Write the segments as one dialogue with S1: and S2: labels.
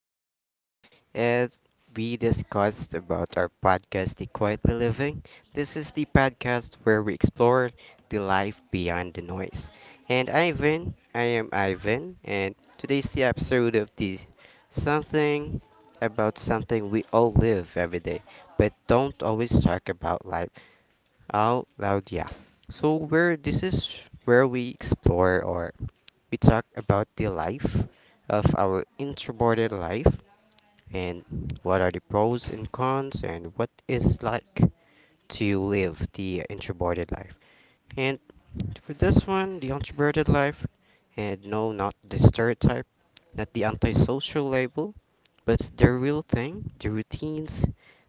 S1: here today as we discussed about our podcast The Quietly Living. This is the podcast where we explore the life beyond the noise. And Ivan, I am Ivan and today's the episode of the something about something we all live every day but don't always talk about life out loud, yeah. So where this is where we explore or we talk about the life of our introverted life and what are the pros and cons and what is like to live the introverted life. And for this one, the introverted life, and no, not the stereotype, not the antisocial label, but the real thing, the routines,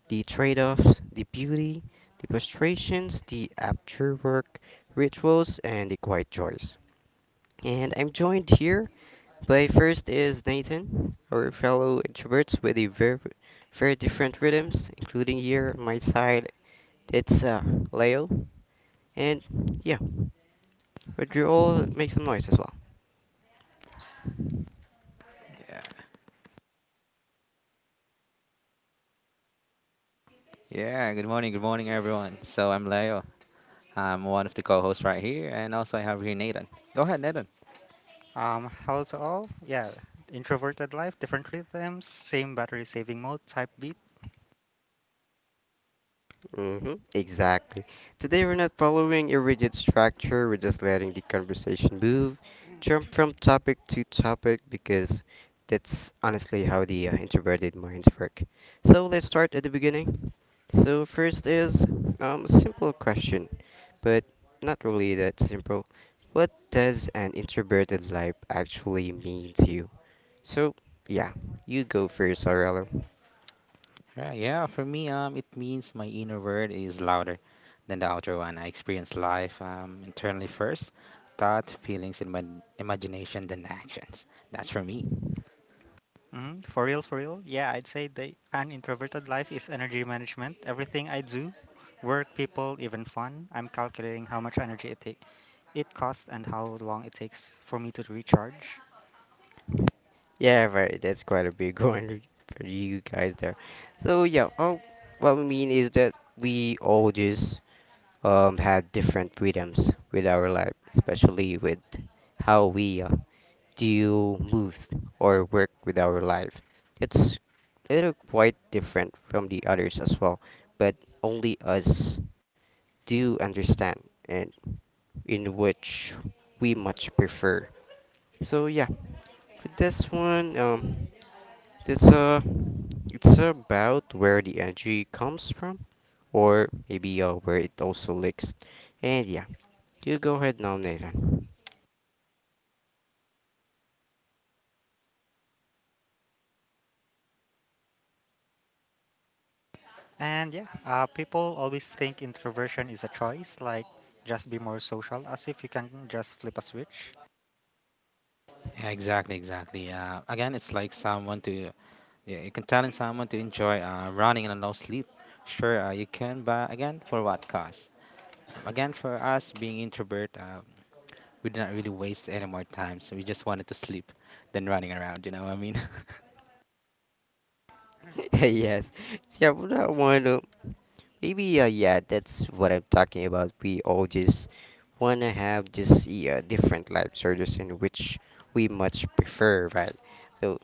S1: the trade offs, the beauty, the frustrations, the after work rituals, and the quiet joys. And I'm joined here by first is Nathan, our fellow introverts with a very, very different rhythms, including here on my side, it's Leo. And yeah, would you all make some noise as well?
S2: Hello to all. Yeah, introverted life, different rhythms, same battery saving mode, type beat.
S1: Hmm, exactly. Today we're not following a rigid structure, we're just letting the conversation move, jump from topic to topic because that's honestly how the introverted minds work. So let's start at the beginning. So first is a simple question, but not really that simple. What does an introverted life actually mean to you? So yeah, you go first, Aurelio.
S2: For real, for real. Yeah, I'd say the an introverted life is energy management. Everything I do, work, people, even fun, I'm calculating how much energy it take, it costs, and how long it takes for me to recharge.
S1: Yeah, right. That's quite a big one for you guys there. So yeah, what we mean is that we all just had different freedoms with our life, especially with how we deal, move, or work with our life. It's a little quite different from the others as well, but only us do understand and in which we much prefer. So yeah, for this one, It's about where the energy comes from, or maybe where it also leaks. And yeah, you go ahead now, Nathan.
S2: And yeah, people always think introversion is a choice, like just be more social, as if you can just flip a switch.
S1: Yes, yeah, but I want to maybe yeah, that's what I'm talking about. We all just wanna have just yeah different life choices in which we much prefer, right? So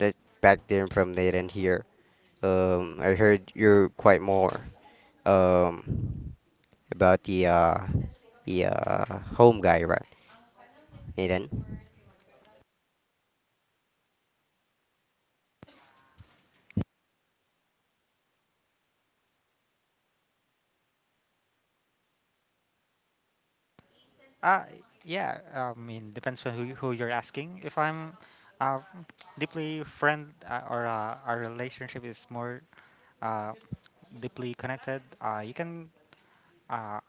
S1: that back then from Nathan here, I heard you're quite more um. about the home guy, right? Nathan.
S2: Uh, yeah, I mean, depends on who, who you're asking. If I'm uh, deeply friend or our relationship is more uh, deeply connected, you can, uh,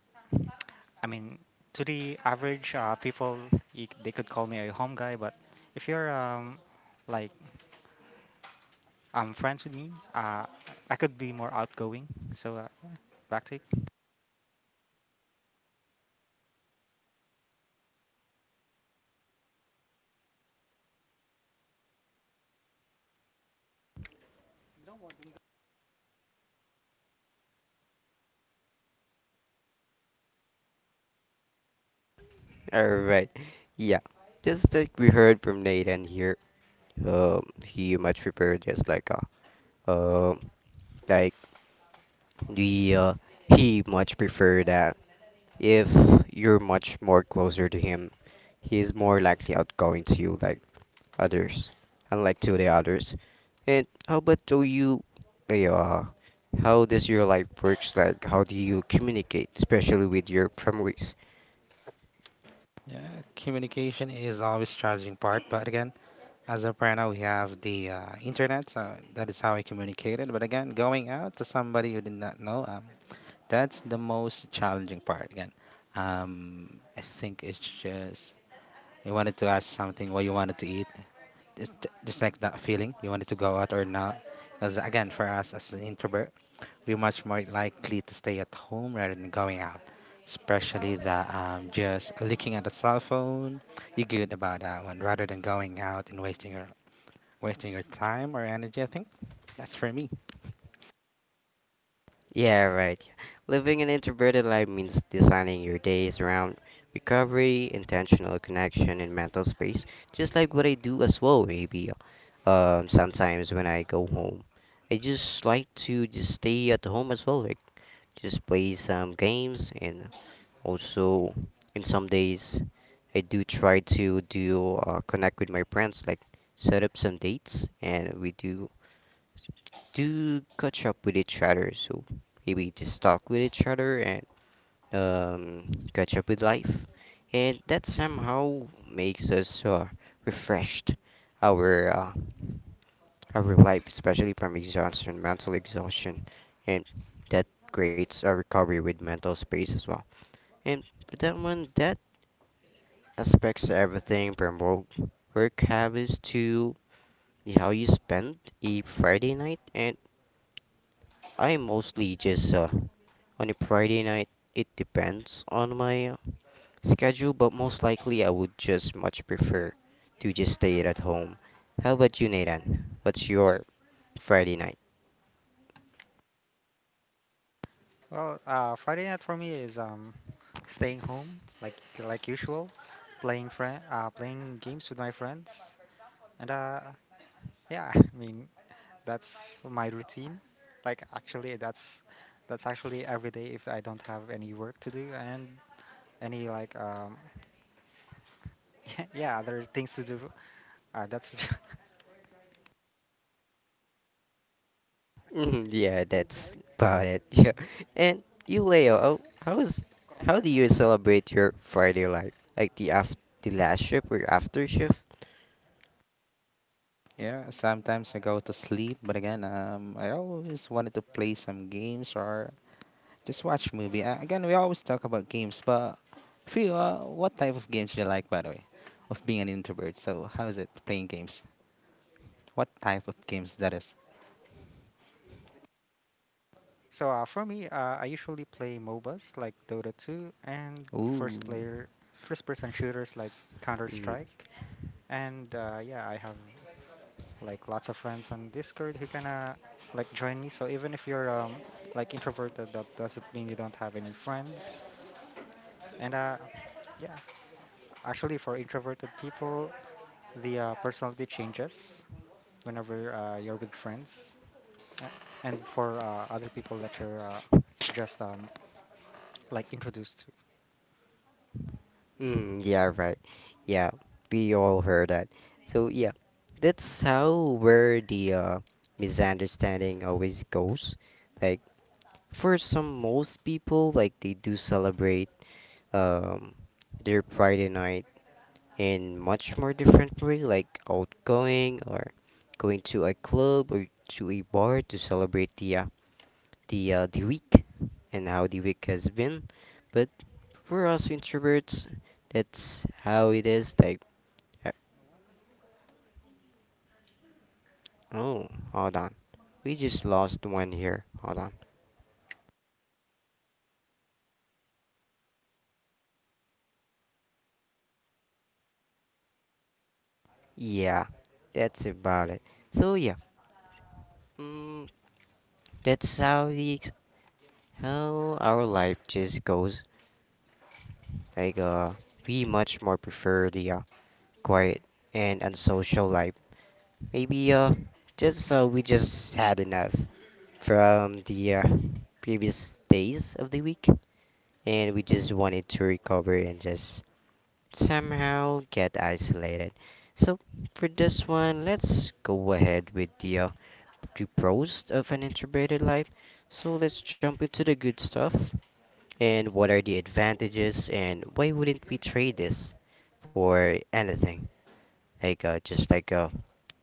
S2: I mean, to the average people, they could call me a home guy, but if you're like friends with me, I could be more outgoing. So back to you.
S1: All right. Yeah. Just like we heard from Nathan here, he much prefer just uh, um, like the he much prefer that if you're much more closer to him, he's more likely outgoing to you. Like others, unlike to the others. And how about do you, eh, uh, how does your life works like? How do you communicate, especially with your families? Yeah, right. Living an introverted life means designing your days around recovery, intentional connection, and mental space. Just like what I do as well, maybe. Sometimes when I go home, I just like to just stay at home as well, like just play some games and also, in some days, I do try to do connect with my friends, like set up some dates, and we do catch up with each other. So maybe just talk with each other and catch up with life, and that somehow makes us refreshed our our life, especially from exhaustion, mental exhaustion, and that creates a recovery with mental space as well. And with that one that aspects everything from work, work habits to how you spend a Friday night. And I mostly just on a Friday night. It depends on my schedule, but most likely I would just much prefer to just stay at home. How about you, Nathan? What's your Friday night?
S2: Well, Friday night for me is staying home like like usual, playing games with my friends, and yeah, I mean that's my routine. Like actually, that's actually every day if I don't have any work to do and any like yeah, other things to do. That's
S1: Mhm. Yeah, that's about it. Yeah. And you, Leo, how do you celebrate your Friday life? Like the last shift or after shift?
S2: So for me. I usually play MOBAs like Dota 2 and first person shooters like Counter
S1: Mm.
S2: Strike. And yeah, I have like lots of friends on Discord who kinda like join me. So even if you're like introverted, that doesn't mean you don't have any friends. And yeah, actually for introverted people, the personality changes whenever you're with friends. A- And for other people that you're just like introduced to.
S1: Mm, yeah, right. Yeah, we all heard that. So yeah, that's how where the misunderstanding always goes. Like for some most people, like they do celebrate um their Friday night in much more different way, like outgoing or going to a club or to a bar to celebrate the the week and how the week has been. But for us introverts, that's how it is. Like, uh, oh, hold on, we just lost one here. Hold on. Yeah, that's about it. So yeah, mm, that's how how our life just goes. Like, we much more prefer the quiet, and unsocial life. Maybe just we just had enough from the previous days of the week, and we just wanted to recover and just somehow get isolated. So for this one, let's go ahead with the the pros of an introverted life. So let's jump into the good stuff and what are the advantages and why wouldn't we trade this for anything? Like just like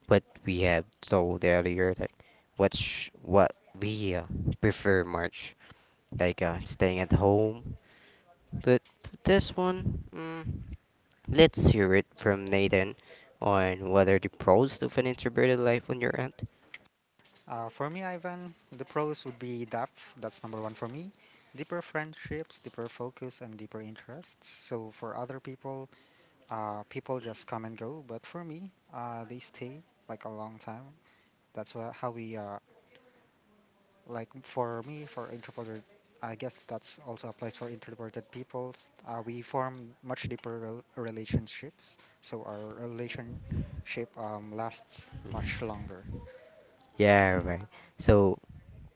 S1: what we have told earlier, like what we prefer much, like staying at home. But this one, let's hear it from Nathan on what are the pros of an introverted life on your end.
S2: For me, Ivan, the pros would be depth. That's number one for me. Deeper friendships, deeper focus, and deeper interests. So for other people, people just come and go. But for me, they stay like a long time. That's how we like for me for introverted. I guess that's also applies for introverted people. We form much deeper relationships, so our relationship lasts much longer.
S1: Yeah, right. So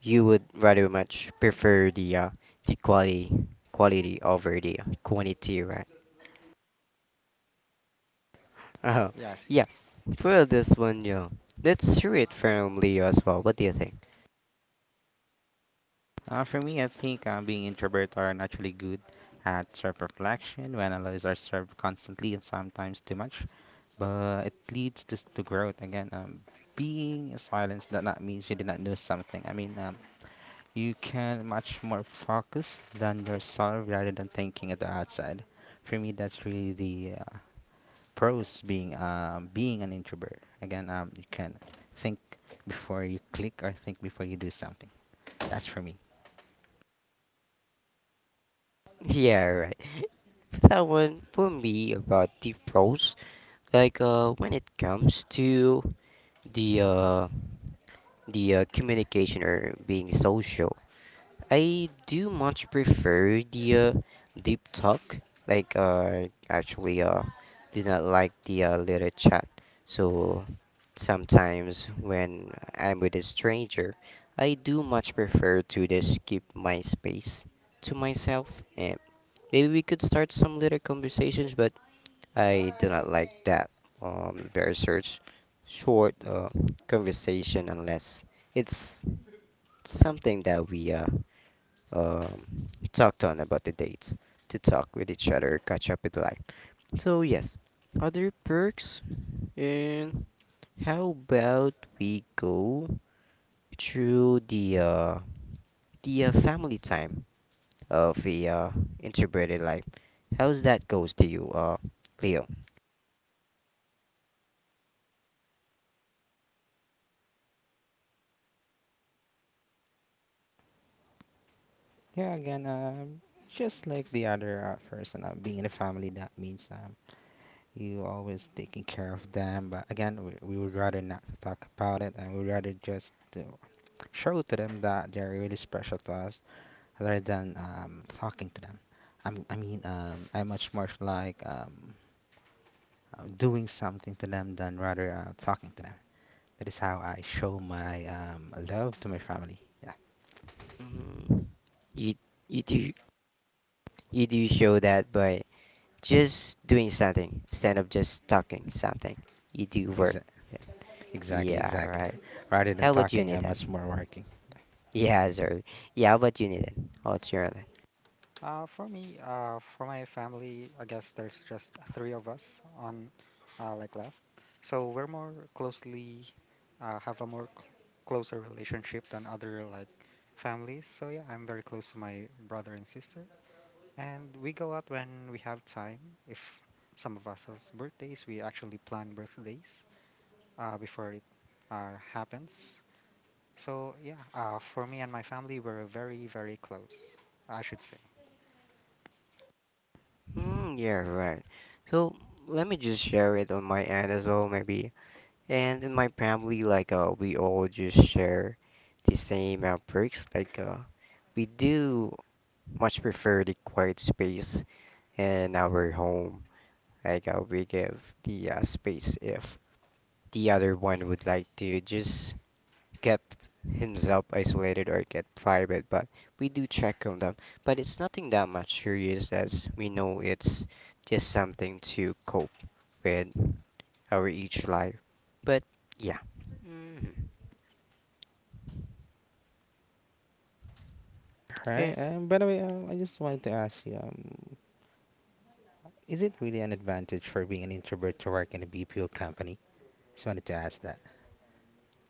S1: you would rather much prefer the the quality over the quantity, right? Oh,
S2: Yes.
S1: yeah. For this one, yeah. Let's hear it from Leo as well. What do you think?
S3: For me, I think being introvert are naturally good at self-reflection. We analyze ourselves constantly and sometimes too much, but it leads to growth. Again, being silenced does not means you did not know something. I mean, you can much more focus than yourself rather than thinking at the outside. For me, that's really the pros being being an introvert. Again, you can think before you click or think before you do something. That's for me.
S1: Yeah, right. For that one, for me, about the pros, like when it comes to the communication or being social. I do much prefer the deep talk. Like, actually, do not like the little chat. So sometimes when I'm with a stranger, I do much prefer to just keep my space to myself. And maybe we could start some little conversations, but I do not like that very search short conversation unless it's something that we talk on about the dates, to talk with each other, catch up with life. So yes, other perks, and how about we go through the family time of the integrated life? How's that goes to you, Leo?
S3: Yeah, again, just like the other person, being in a family, that means you always taking care of them. But again, we would rather not to talk about it, and we would rather just to show to them that they're really special to us, rather than talking to them. I much more like doing something to them than rather talking to them. That is how I show my love to my family. Yeah,
S1: Mm, you you do you do show that by just doing something instead of just talking something. You do work.
S3: exa exactly,
S1: Yeah,
S3: exactly.
S1: right.
S3: Rather than
S1: How about you,
S3: talking, I'm much
S1: Nathan?
S3: more working.
S1: Yeah, sorry. Yeah, how about you, Nathan? What's your other?
S2: For me, for my family, I guess there's just three of us on, like left. So we're more closely, have a more cl- closer relationship than other like families. So yeah, I'm very close to my brother and sister, and we go out when we have time. If some of us has birthdays, we actually plan birthdays, before it, happens. So yeah, for me and my family, we're very, very close. I should say.
S1: Mm, yeah, right. So let me just share it on my end as well, maybe. And in my family, like we all just share the same outbreaks. Like we do much prefer the quiet space in our home. Like we give the space if the other one would like to just kept himself isolated or kept private, but we do check on them. But it's nothing that much serious as we know it's just something to cope with our each life. But yeah. Mhm.
S3: Right.
S1: Eh,
S3: By the way, I just wanted to ask you, is it really an advantage for being an introvert to work in a BPO company? Just wanted to ask that.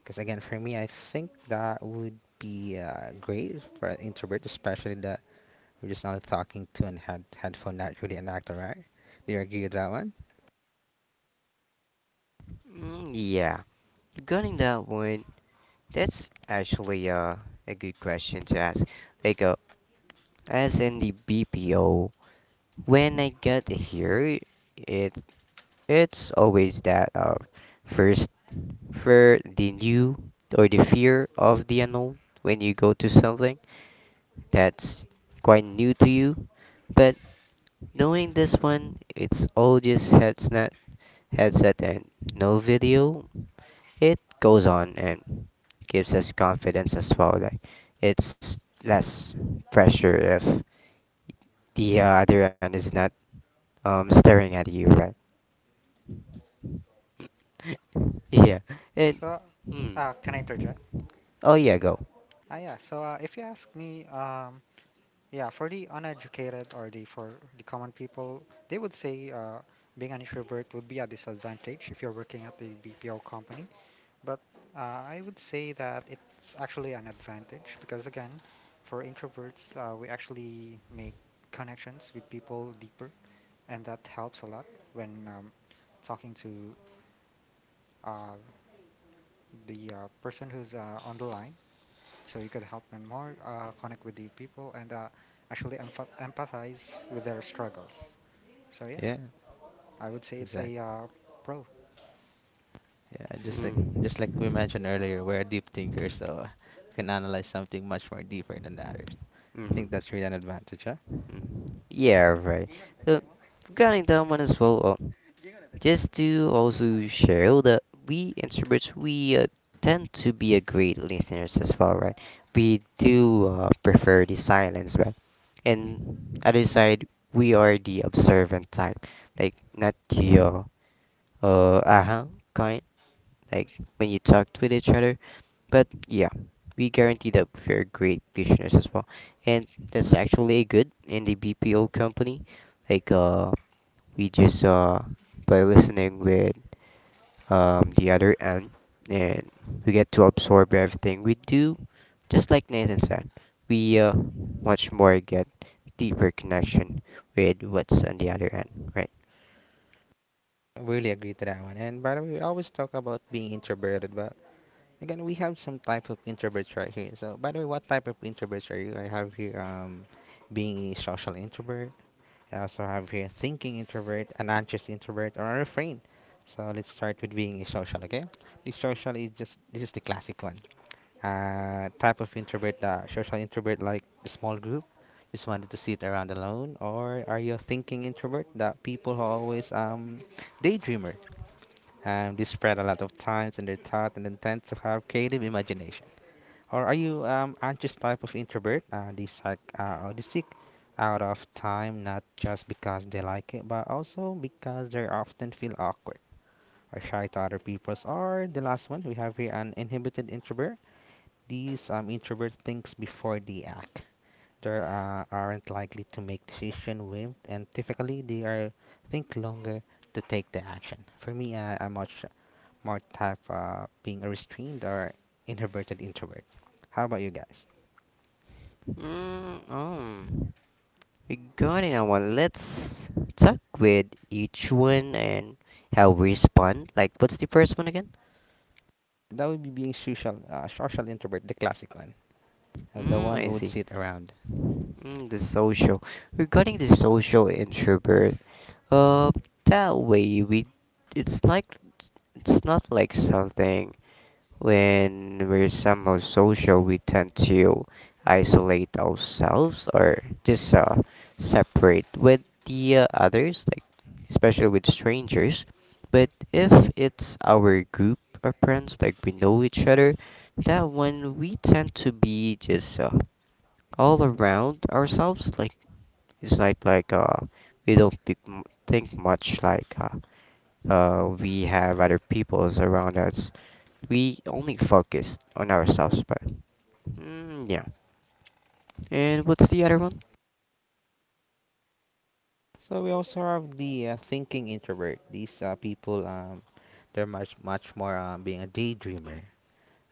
S3: Because again, for me, I think that would be great for an introvert, especially that you're just only talking to an headphone, not really an actor, right? Do you agree with that one?
S1: mm, yeah. Regarding that one, that's actually a good question to ask. Like, as in the BPO, when I got here, it it's always that first for the new or the fear of the unknown when you go to something that's quite new to you. But knowing this one, it's all just headset and no video. It goes on and gives us confidence as well. Like it's less pressure if the other end is not staring at you, right? Yeah. It.
S2: So,
S1: Hmm.
S2: can I interject?
S1: Oh yeah, go.
S2: Yeah. So, if you ask me, yeah, for the uneducated or the for the common people, they would say being an introvert would be a disadvantage if you're working at the BPO company. But I would say that it's actually an advantage because again, for introverts, we actually make connections with people deeper, and that helps a lot when talking to uh, the person who's on the line so you could help them more, connect with the people, and actually empathize with their struggles. So yeah,
S3: Yeah,
S2: I would say it's a
S3: exactly.
S2: pro.
S3: Yeah, just like
S1: Mm,
S3: just like we mentioned earlier, we're a deep thinker, so we can analyze something much more deeper than the others. I think
S1: mm,
S3: that's really an advantage, huh?
S1: mm. Yeah, right. So, regarding that one as well, just to also share that we introverts, we tend to be a great listeners as well, right? We do prefer the silence, right? And other side, we are the observant type, like not the uh-huh kind. Like when you talked with each other. But yeah, we guarantee that we're great listeners as well. And that's actually a good in the BPO company. Like we just by listening with the other end and we get to absorb everything we do just like Nathan said. We much more get deeper connection with what's on the other end, right?
S3: I really agree to that one. And by the way, we always talk about being introverted, but again, we have some type of introverts right here. So, by the way, what type of introverts are you? I have here being a social introvert. I also have here thinking introvert, an anxious introvert, or a refrain. So let's start with being a social, okay? The social is just this is the classic one. Type of introvert, social introvert, like a small group, just wanted to sit around alone, or are you a thinking introvert, the people who always daydreamer? They spread a lot of times in their thought and intend to have creative imagination. Or are you anxious type of introvert? They seek or they seek out of time not just because they like it, but also because they often feel awkward or shy to other people's. Or the last one we have here an inhibited introvert. These introvert thinks before they act. They aren't likely to make decision with, and typically they are think longer to take the action. For me, I'm much more type of being a restrained or introverted introvert. How about you guys?
S1: Mm, oh. We're going in our Let's talk with each one and how we respond. Like, what's the first one again?
S3: That would be being social, social introvert, the classic one, the
S1: Mm,
S3: one
S1: I
S3: who would
S1: see.
S3: sit around.
S1: Mm, the social. Regarding the social introvert, uh, that way we, it's like, it's not like something when we're somehow social, we tend to isolate ourselves or just separate with the others, like especially with strangers. But if it's our group of friends, like we know each other, that one we tend to be just all around ourselves. Like it's not like we don't think, think much like we have other peoples around us. We only focus on ourselves, but yeah. And what's the other one?
S3: So we also have the thinking introvert. These people, they're much more being a daydreamer.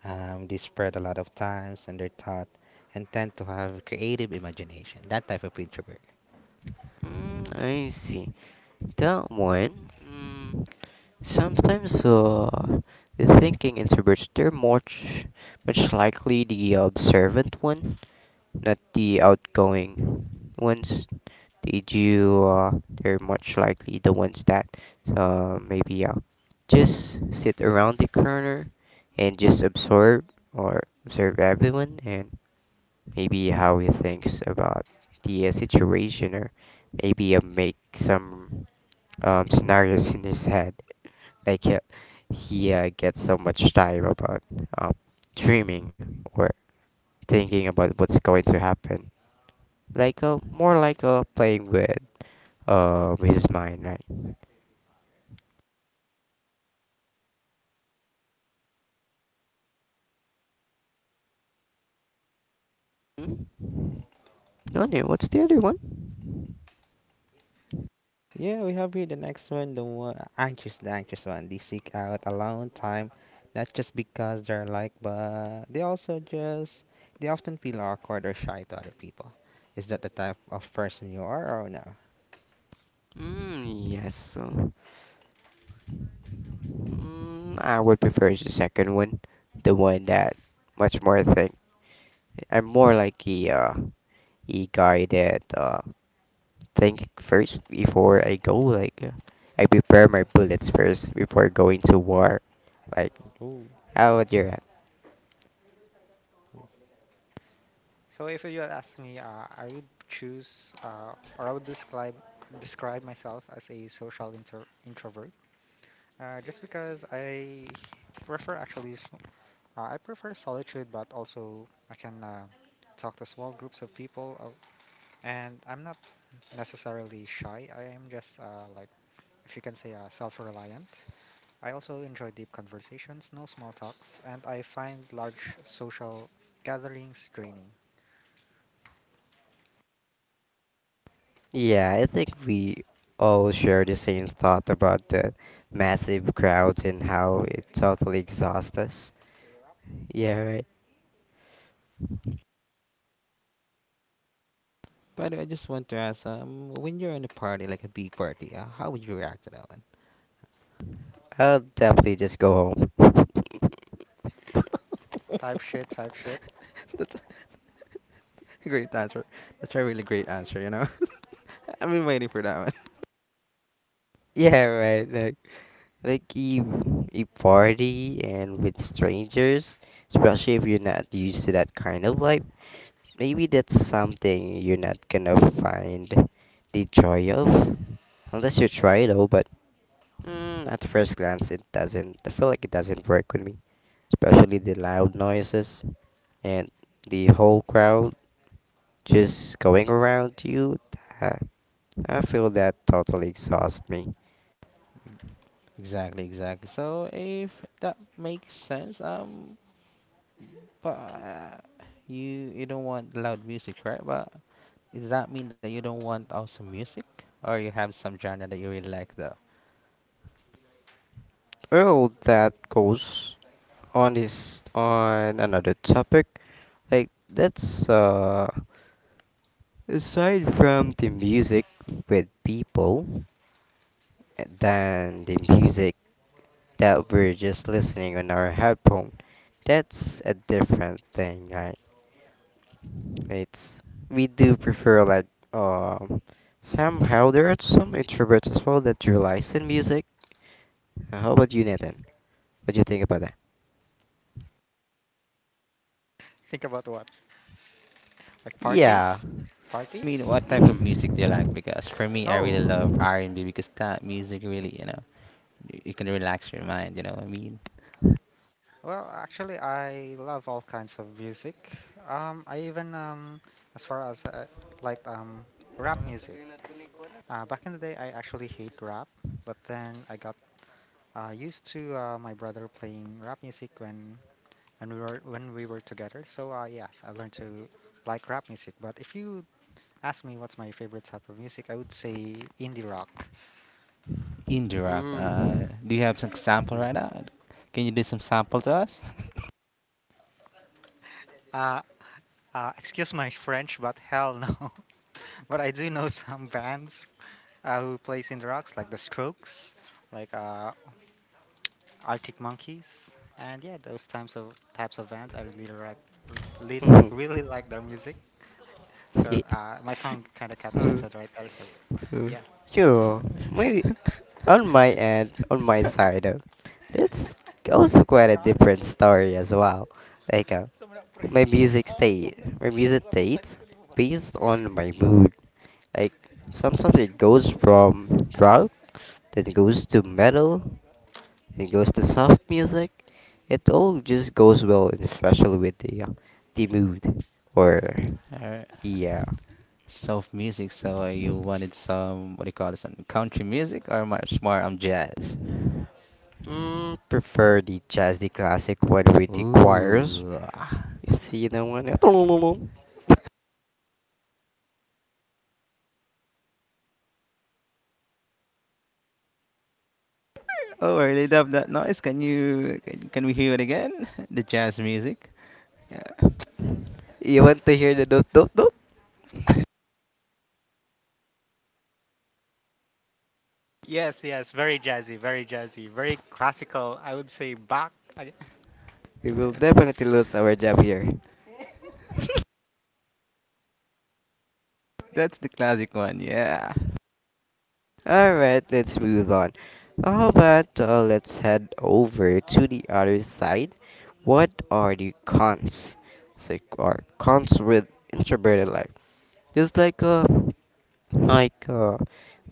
S3: They spread a lot of times and they're taught and tend to have creative imagination. That type of introvert.
S1: Mm, I see. That one. Mm, sometimes the thinking introverts they're much likely the observant one, not the outgoing ones. Did you? They're much likely the ones that maybe just sit around the corner and just absorb or observe everyone and maybe how he thinks about the situation, or maybe make some scenarios in his head. Like he gets so much time about um, dreaming or thinking about what's going to happen. More like playing with his mind, right? Hmm? Nani, what's the other one?
S3: Yeah, we have here the next one, the one, anxious, the anxious one. They seek out alone time, not just because they're like, but they also just, they often feel awkward or shy to other people. Is that the type of person you are or no?
S1: Mm, yes. So. Mm, I would prefer the second one, the one that much more think. I'm more like a guy that think first before I go. I prepare my bullets first before going to war. Like,
S3: Ooh.
S1: how would you?
S2: So if you had asked me, I would choose , or I would describe myself as a social introvert, just because I prefer I prefer solitude, but also I can talk to small groups of people, and I'm not necessarily shy. I am just like if you can say self-reliant. I also enjoy deep conversations, no small talks, and I find large social gatherings draining.
S1: Yeah, I think we all share the same thought about the massive crowds and how it totally exhausts us. Yeah, right.
S3: By the way, I just want to ask, when you're in a party, like a big party, how would you react to that one?
S1: I'll definitely just go home.
S2: Type shit, type shit.
S3: Great answer. That's a really great answer, you know. I've been waiting for that one.
S1: Yeah, right. Like, you party and with strangers, especially if you're not used to that kind of life, maybe that's something you're not gonna find the joy of. Unless you try though, but at first glance, it doesn't. I feel like it doesn't work with me, especially the loud noises and the whole crowd just going around you. Uh, I feel that totally exhausts me.
S3: Exactly, exactly. So if that makes sense, But you you don't want loud music, right? But does that mean that you don't want awesome music, or you have some genre that you really like though?
S1: Well, that goes on another topic. Like that's Aside from the music with people than the music that we're just listening on our headphone. That's a different thing, right? It's We do prefer like um somehow there are some introverts as well that rely in music. How about you, Nathan? What do you think about that?
S2: Think about what? Like
S1: Yeah.
S2: parties?
S3: I mean,
S2: Parties?
S3: what type of music do you like?
S1: Mm.
S3: Because for me, I really
S2: Oh,
S3: love R&B because that music really, you know, you can relax your mind. You know, what I mean,
S2: well, actually, I love all kinds of music. I even, as far as like rap music. Back in the day, I actually hate rap, but then I got used to my brother playing rap music when we were together. So yes, I learned to like rap music. But if you ask me what's my favorite type of music, I would say indie rock.
S3: indie rock.
S1: Mm.
S3: Do you have some sample right now? Can you do some sample to us?
S2: Uh, Excuse my French, but hell no. But I do know some bands who plays indie rocks, like The Strokes, like Arctic Monkeys, and yeah, those types of bands. I really like, really,
S1: Mm.
S2: really like their music. So
S1: Yeah.
S2: my tongue kind of got
S1: Mm.
S2: twisted right there. So
S1: Mm.
S2: yeah.
S1: Sure. Maybe
S3: All
S1: on my end, on my side, that's also quite a different story as well. Like, my music state, my music states based on my mood. Like, sometimes it goes from rock, then it goes to metal, it goes to soft music, it all just goes well, and especially with the mood. Or
S3: right.
S1: yeah,
S3: Soft music. So you wanted some what do you call it? Some country music or much more jazz?
S1: mm, prefer the jazzy classic one with the choirs.
S3: Ooh. Ah.
S1: You see the one.
S3: Oh, I really love that noise. Can we hear it again? The jazz music. Yeah,
S1: You want to hear the dot dot dot?
S2: Yes, yes, very jazzy, very jazzy, very classical. I would say Bach. I,
S1: We will
S3: that-
S1: definitely lose our job here.
S3: that's the classic one. Yeah.
S1: Alright, let's move on. How about let's head over to the other side? What are the cons? So, are cons with introverted life? There's like a like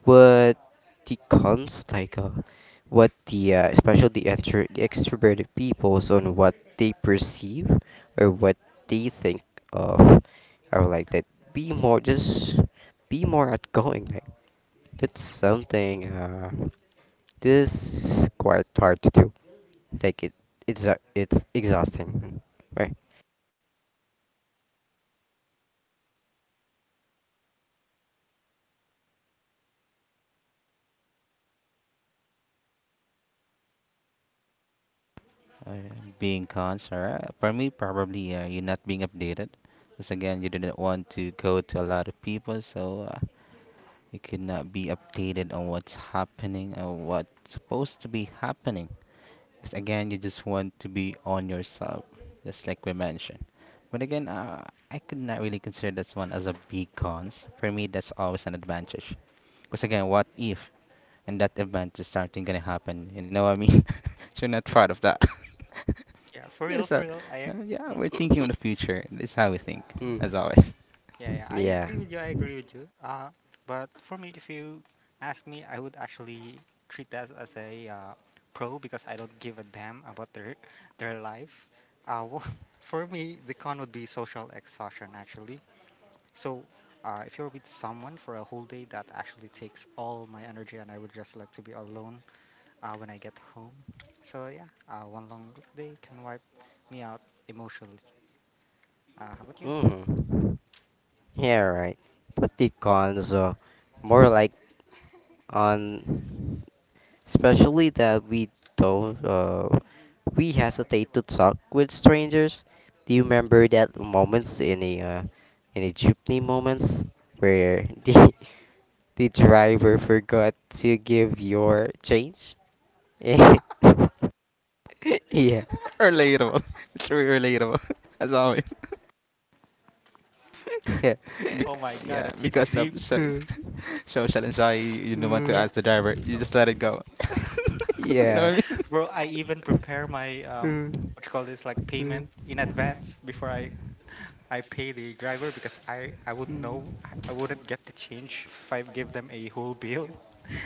S1: What the cons, like what the especially the extroverted peoples on what they perceive or what they think of? Are like that be more, just be more outgoing. Like that's something, this is quite hard to do. Like it's exhausting, right?
S3: Uh, Being cons, alright. For me, probably you're not being updated. Because again, you didn't want to go to a lot of people, so you could not be updated on what's happening or what's supposed to be happening. Because again, you just want to be on yourself, just like we mentioned. But again, I could not really consider this one as a big cons. For me, that's always an advantage. Because again, what if in that event is something gonna happen? You know what I mean? So you're not proud of that.
S2: yeah, for real,
S3: There's
S2: for real.
S3: yeah,
S2: Mm,
S3: we're thinking on the future. This is how we think,
S1: Mm.
S3: as always.
S2: yeah, I
S1: Yeah.
S2: agree with you. I agree with you. But for me, if you ask me, I would actually treat that as a pro because I don't give a damn about their life. Uh, wh- for me, the con would be social exhaustion actually. So. If you're with someone for a whole day, that actually takes all my energy, and I would just like to be alone when I get home. So yeah, one long day can wipe me out emotionally. How about you?
S1: Mm. Yeah, right. But the cons, more like on, especially that we don't we hesitate to talk with strangers. Do you remember that moments in a jeepney moments where the driver forgot to give your change? Yeah, yeah,
S3: Relatable. It's really relatable, as always.
S1: yeah.
S3: Be-
S2: Oh my god,
S3: yeah,
S2: that hits
S3: because of
S2: deep.
S3: so social anxiety, you don't want to
S1: Mm.
S2: Yeah.
S3: ask the driver. You just let it go. You
S1: Yeah.
S3: know what I mean?
S2: Bro, I even prepare my
S1: Mm,
S2: what you call this like
S1: mm,
S2: payment in advance before I pay the driver because I would
S1: mm.
S2: know I wouldn't get the change if I give them a whole bill.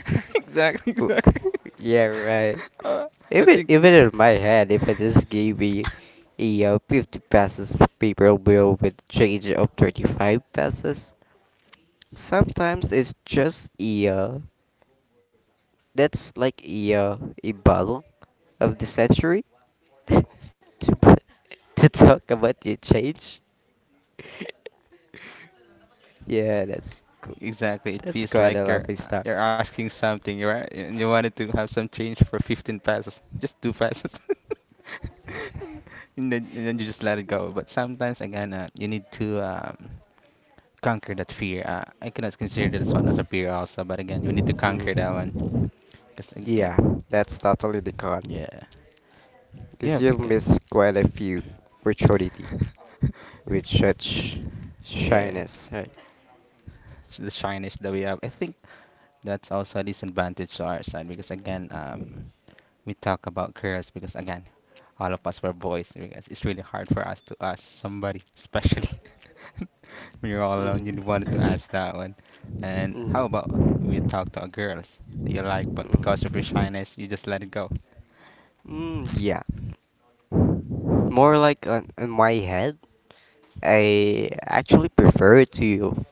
S3: Exactly, exactly.
S1: W- Yeah, right.
S3: Uh, I
S1: Even
S3: think
S1: even in my head, if I just gave me a 50 pesos paper bill with change of 35 pesos, sometimes it's just a that's like a bottle of the century to to talk about the change. Yeah, that's cool.
S3: exactly. It
S1: That's
S3: feels
S1: quite a
S3: like you're
S1: laughing
S3: you're
S1: stock.
S3: asking something, right? And you wanted to have some change for 15 passes, just two passes, and then you just let it go. But sometimes again, you need to conquer that fear. I cannot consider this one as a fear also, but again, you need to conquer that one.
S1: Mm.
S3: Cause again,
S1: Yeah, that's totally the con.
S3: yeah, yeah,
S1: Because you'll
S3: because
S1: miss quite a few opportunity with such
S3: yeah.
S1: shyness, right?
S3: The shyness that we have. I think that's also a disadvantage to our side because again, we talk about careers because again, all of us were boys because it's really hard for us to ask somebody, especially when you're all alone. You wanted to
S1: Mm.
S3: ask that one. And how about
S1: Mm.
S3: we talk to our girls that you like, but because of your
S1: Mm.
S3: shyness, you just let it go.
S1: Mm, yeah. More like on my head, I actually prefer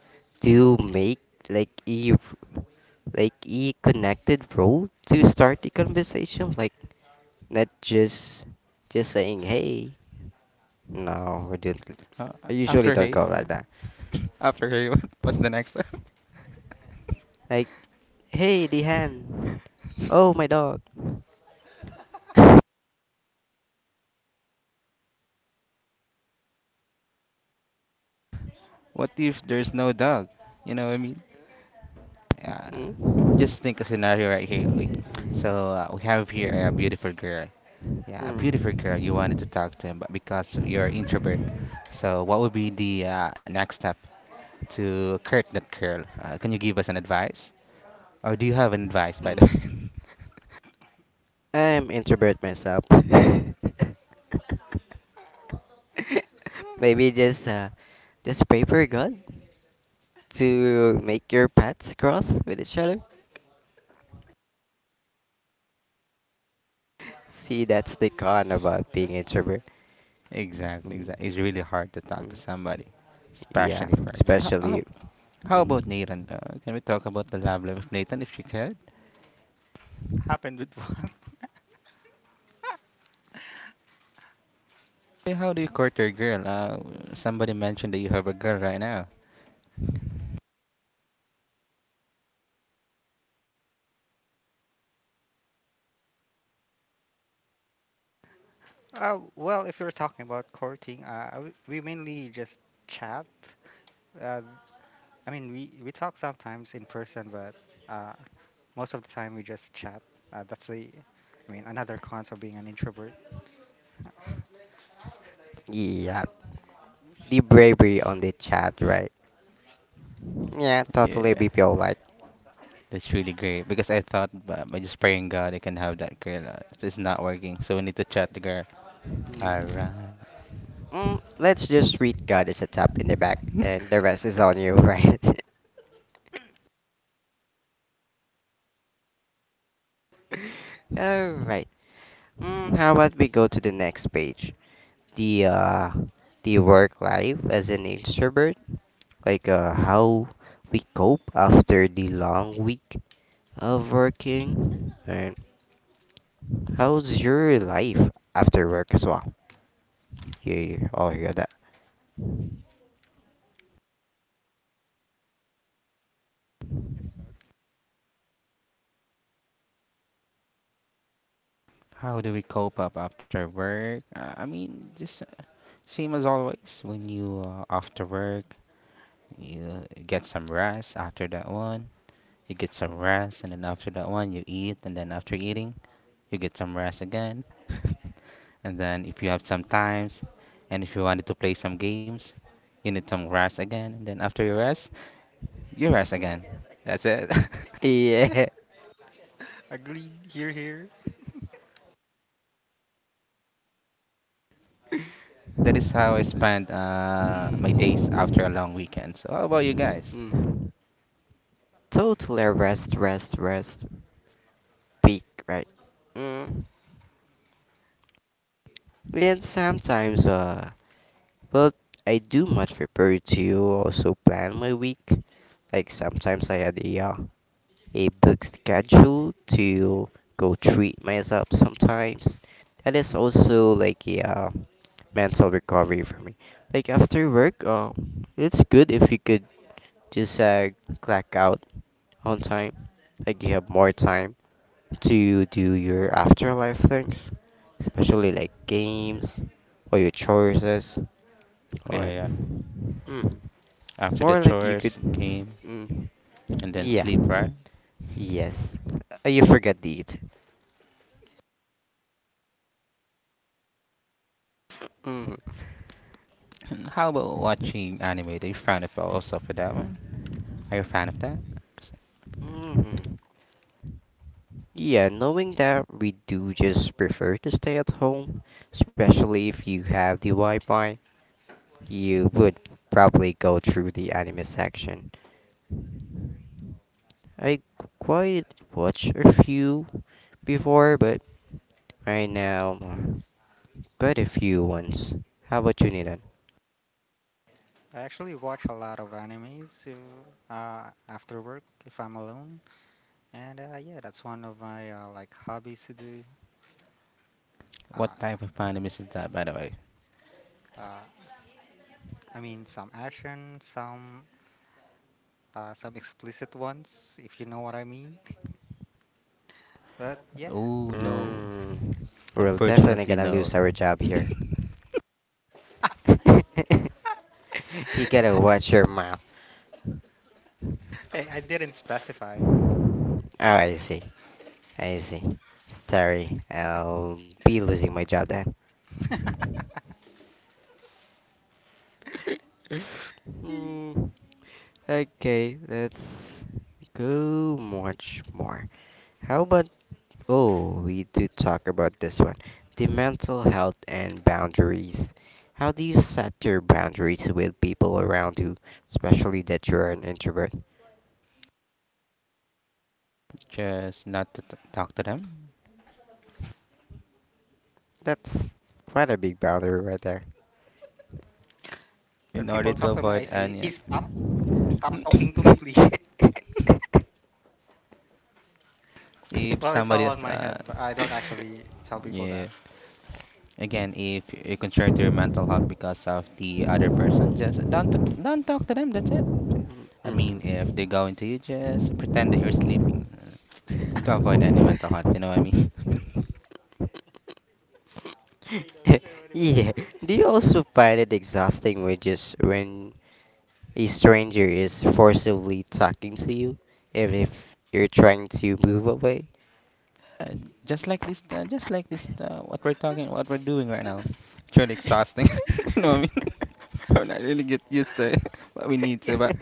S1: to make like a like a connected role to start the conversation, like not just saying hey. No, I didn't.
S3: Uh,
S1: I usually
S3: after
S1: don't
S3: hey,
S1: go
S3: uh,
S1: like that.
S3: after hey, what's the next?
S1: Like, hey, Dihan. Oh, my dog.
S3: What if there's no dog? You know what I mean? Yeah.
S1: Hmm?
S3: Just think a scenario right here. We,
S1: Hmm.
S3: we have here a beautiful girl. Yeah, a beautiful girl. You wanted to talk to him, but because you're introvert, so what would be the next step to court that girl? Can you give us an advice, or do you have an advice by
S1: Hmm.
S3: the way?
S1: Hmm. I'm introvert myself. Maybe just pray for God to make your paths cross with each other. See, that's the con about being introvert.
S3: Exactly,
S1: Mm,
S3: exactly. It's really hard to talk to
S1: mm,
S3: somebody,
S1: yeah,
S3: especially for a girl. How, how,
S1: especially.
S3: how about
S1: Mm,
S3: Nathan? Can we talk about the love life of Nathan if she could?
S2: Happened with one.
S3: Hey, how do you court your girl? Somebody mentioned that you have a girl right now.
S2: Well, if you're talking about courting, we mainly just chat. Uh, I mean, we talk sometimes in person, but uh, most of the time we just chat. Uh, that's the, I mean, another cons of being an introvert.
S1: yeah, the bravery on the chat, right? Yeah, totally
S3: Yeah,
S1: BPO like.
S3: that's really great because I thought by just praying God I can have that girl. So it's not working, so we need to chat the girl. All
S1: Mm.
S3: right.
S1: Mm, let's just read God as a tap in the back, and the rest is on you, right? All right. Mm, how about we go to the next page? The uh, the work life as an introvert, how we cope after the long week of working, and how's your life after work as well? You all hear that?
S3: How do we cope up after work? I mean, just Same as always. When you after work, you get some rest. After that one, you get some rest, and then after that one, you eat, and then after eating, you get some rest again. And then if you have some times, and if you wanted to play some games, you need some rest again. And then after you rest, Euros again. That's it.
S1: Yeah.
S2: Agreed. Here, here.
S3: That is how I spend my days after a
S1: Mm,
S3: long weekend. So how about you guys?
S1: mm. Totally rest, rest, rest. Peak, right? Mm. And sometimes. Well, I do much prefer to also plan my week. Like sometimes I had a book schedule to go treat myself sometimes. That is also like a mental recovery for me. Like after work, it's good if you could just clock out on time. Like you have more time to do your afterlife things, especially like games or your choices.
S3: Yeah,
S1: Or
S3: yeah.
S1: mm,
S3: After the
S1: more like you could
S3: chores, game,
S1: mm,
S3: and then
S1: yeah.
S3: sleep, right?
S1: Yes. You forgot the it. Mm,
S3: And how about watching anime? Are you fan of also for that one? Are you a fan of that?
S1: mm. Yeah, knowing that we do just prefer to stay at home, especially if you have the Wi-Fi, you would probably go through the anime section. I quite watch a few before, but right now, quite a few ones. How about you, Nidan?
S2: I actually watch a lot of animes after work if I'm alone, and yeah, that's one of my like hobbies to do. Uh,
S3: What type of anime is that, by the way?
S2: uh, I mean, some action, some explicit ones, if you know what I mean. But yeah.
S3: Oh no,
S1: Mm, we're definitely
S3: unfortunately
S1: gonna
S3: no.
S1: lose our job here. You gotta watch your mouth.
S2: I didn't specify.
S1: Oh, I see. I see. Sorry, I'll be losing my job then. Hmm. Okay, let's go much more. How about, oh, we do talk about this one. The mental health and boundaries. How do you set your boundaries with people around you, especially that you're an introvert?
S3: Just not to talk to them
S1: That's quite a big boundary right there.
S2: When
S3: in
S2: people
S3: order to
S2: talk to me, I
S3: avoid
S2: say, "Eh,
S3: any.
S2: stop, stop talking to me, please.
S3: if
S2: Well, it's
S3: somebody,
S2: all
S3: is,
S2: on my head, but I don't actually tell people
S3: yeah,
S2: that.
S3: Again, if you're concerned to your mental health because of the other person, just don't talk to them. That's it. I mean,
S1: Mm.
S3: if they go into you, just pretend that you're sleeping to avoid any mental health. You know what I mean?
S1: Yeah. Do you also find it exhausting when just when a stranger is forcibly talking to you, even if you're trying to move away?
S3: Uh, just like this, what we're talking, what we're doing right now. It's really exhausting. You know what I mean? We're not really get used to it, but we need
S2: Yeah,
S3: to. But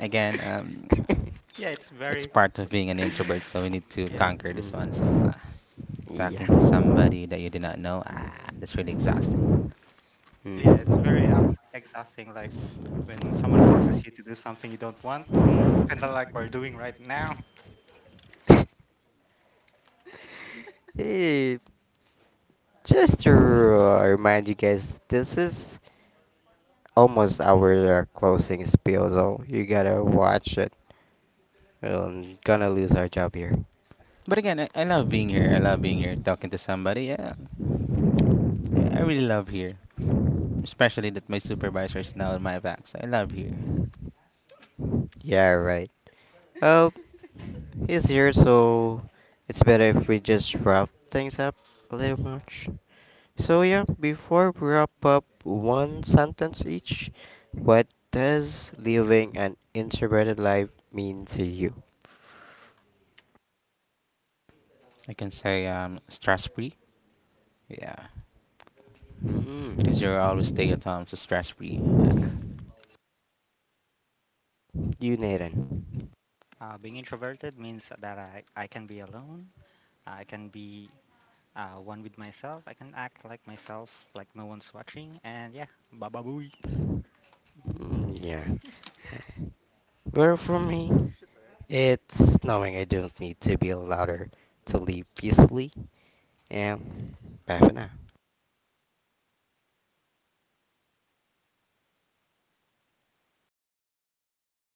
S3: again,
S2: yeah, it's
S3: it's
S2: very,
S3: part of being an introvert, so we need to
S2: yeah.
S3: conquer this one. So
S1: Mm. Yeah.
S3: talking to somebody that you do not know, ah, that's really exhausting.
S2: Yeah, it's very
S1: Mhm.
S2: exhausting. Like when someone forces you to do something you don't want, mm, kind of like we're doing right now.
S1: Eh, just to remind you guys, this is almost our closing spiel, so you gotta watch it. We're gonna lose our job here.
S3: But again, I love being here. I love being here, talking to somebody. Yeah, I really love here, especially that my supervisor is now in my back. So I love here.
S1: Yeah, right. Oh, he's here, so it's better if we just wrap things up a little much. So yeah, before we wrap up, one sentence each. What does living an introverted life mean to you?
S3: I can say stress free. Yeah, because you're always stay
S1: Mm.
S3: at home, so stress free.
S1: Uniden.
S2: Being introverted means that I can be alone, I can be one with myself, I can act like myself, like no one's watching, and yeah, baba booey.
S1: Mm, yeah. Well, for me, it's knowing I don't need to be louder to live peacefully. And bye for now.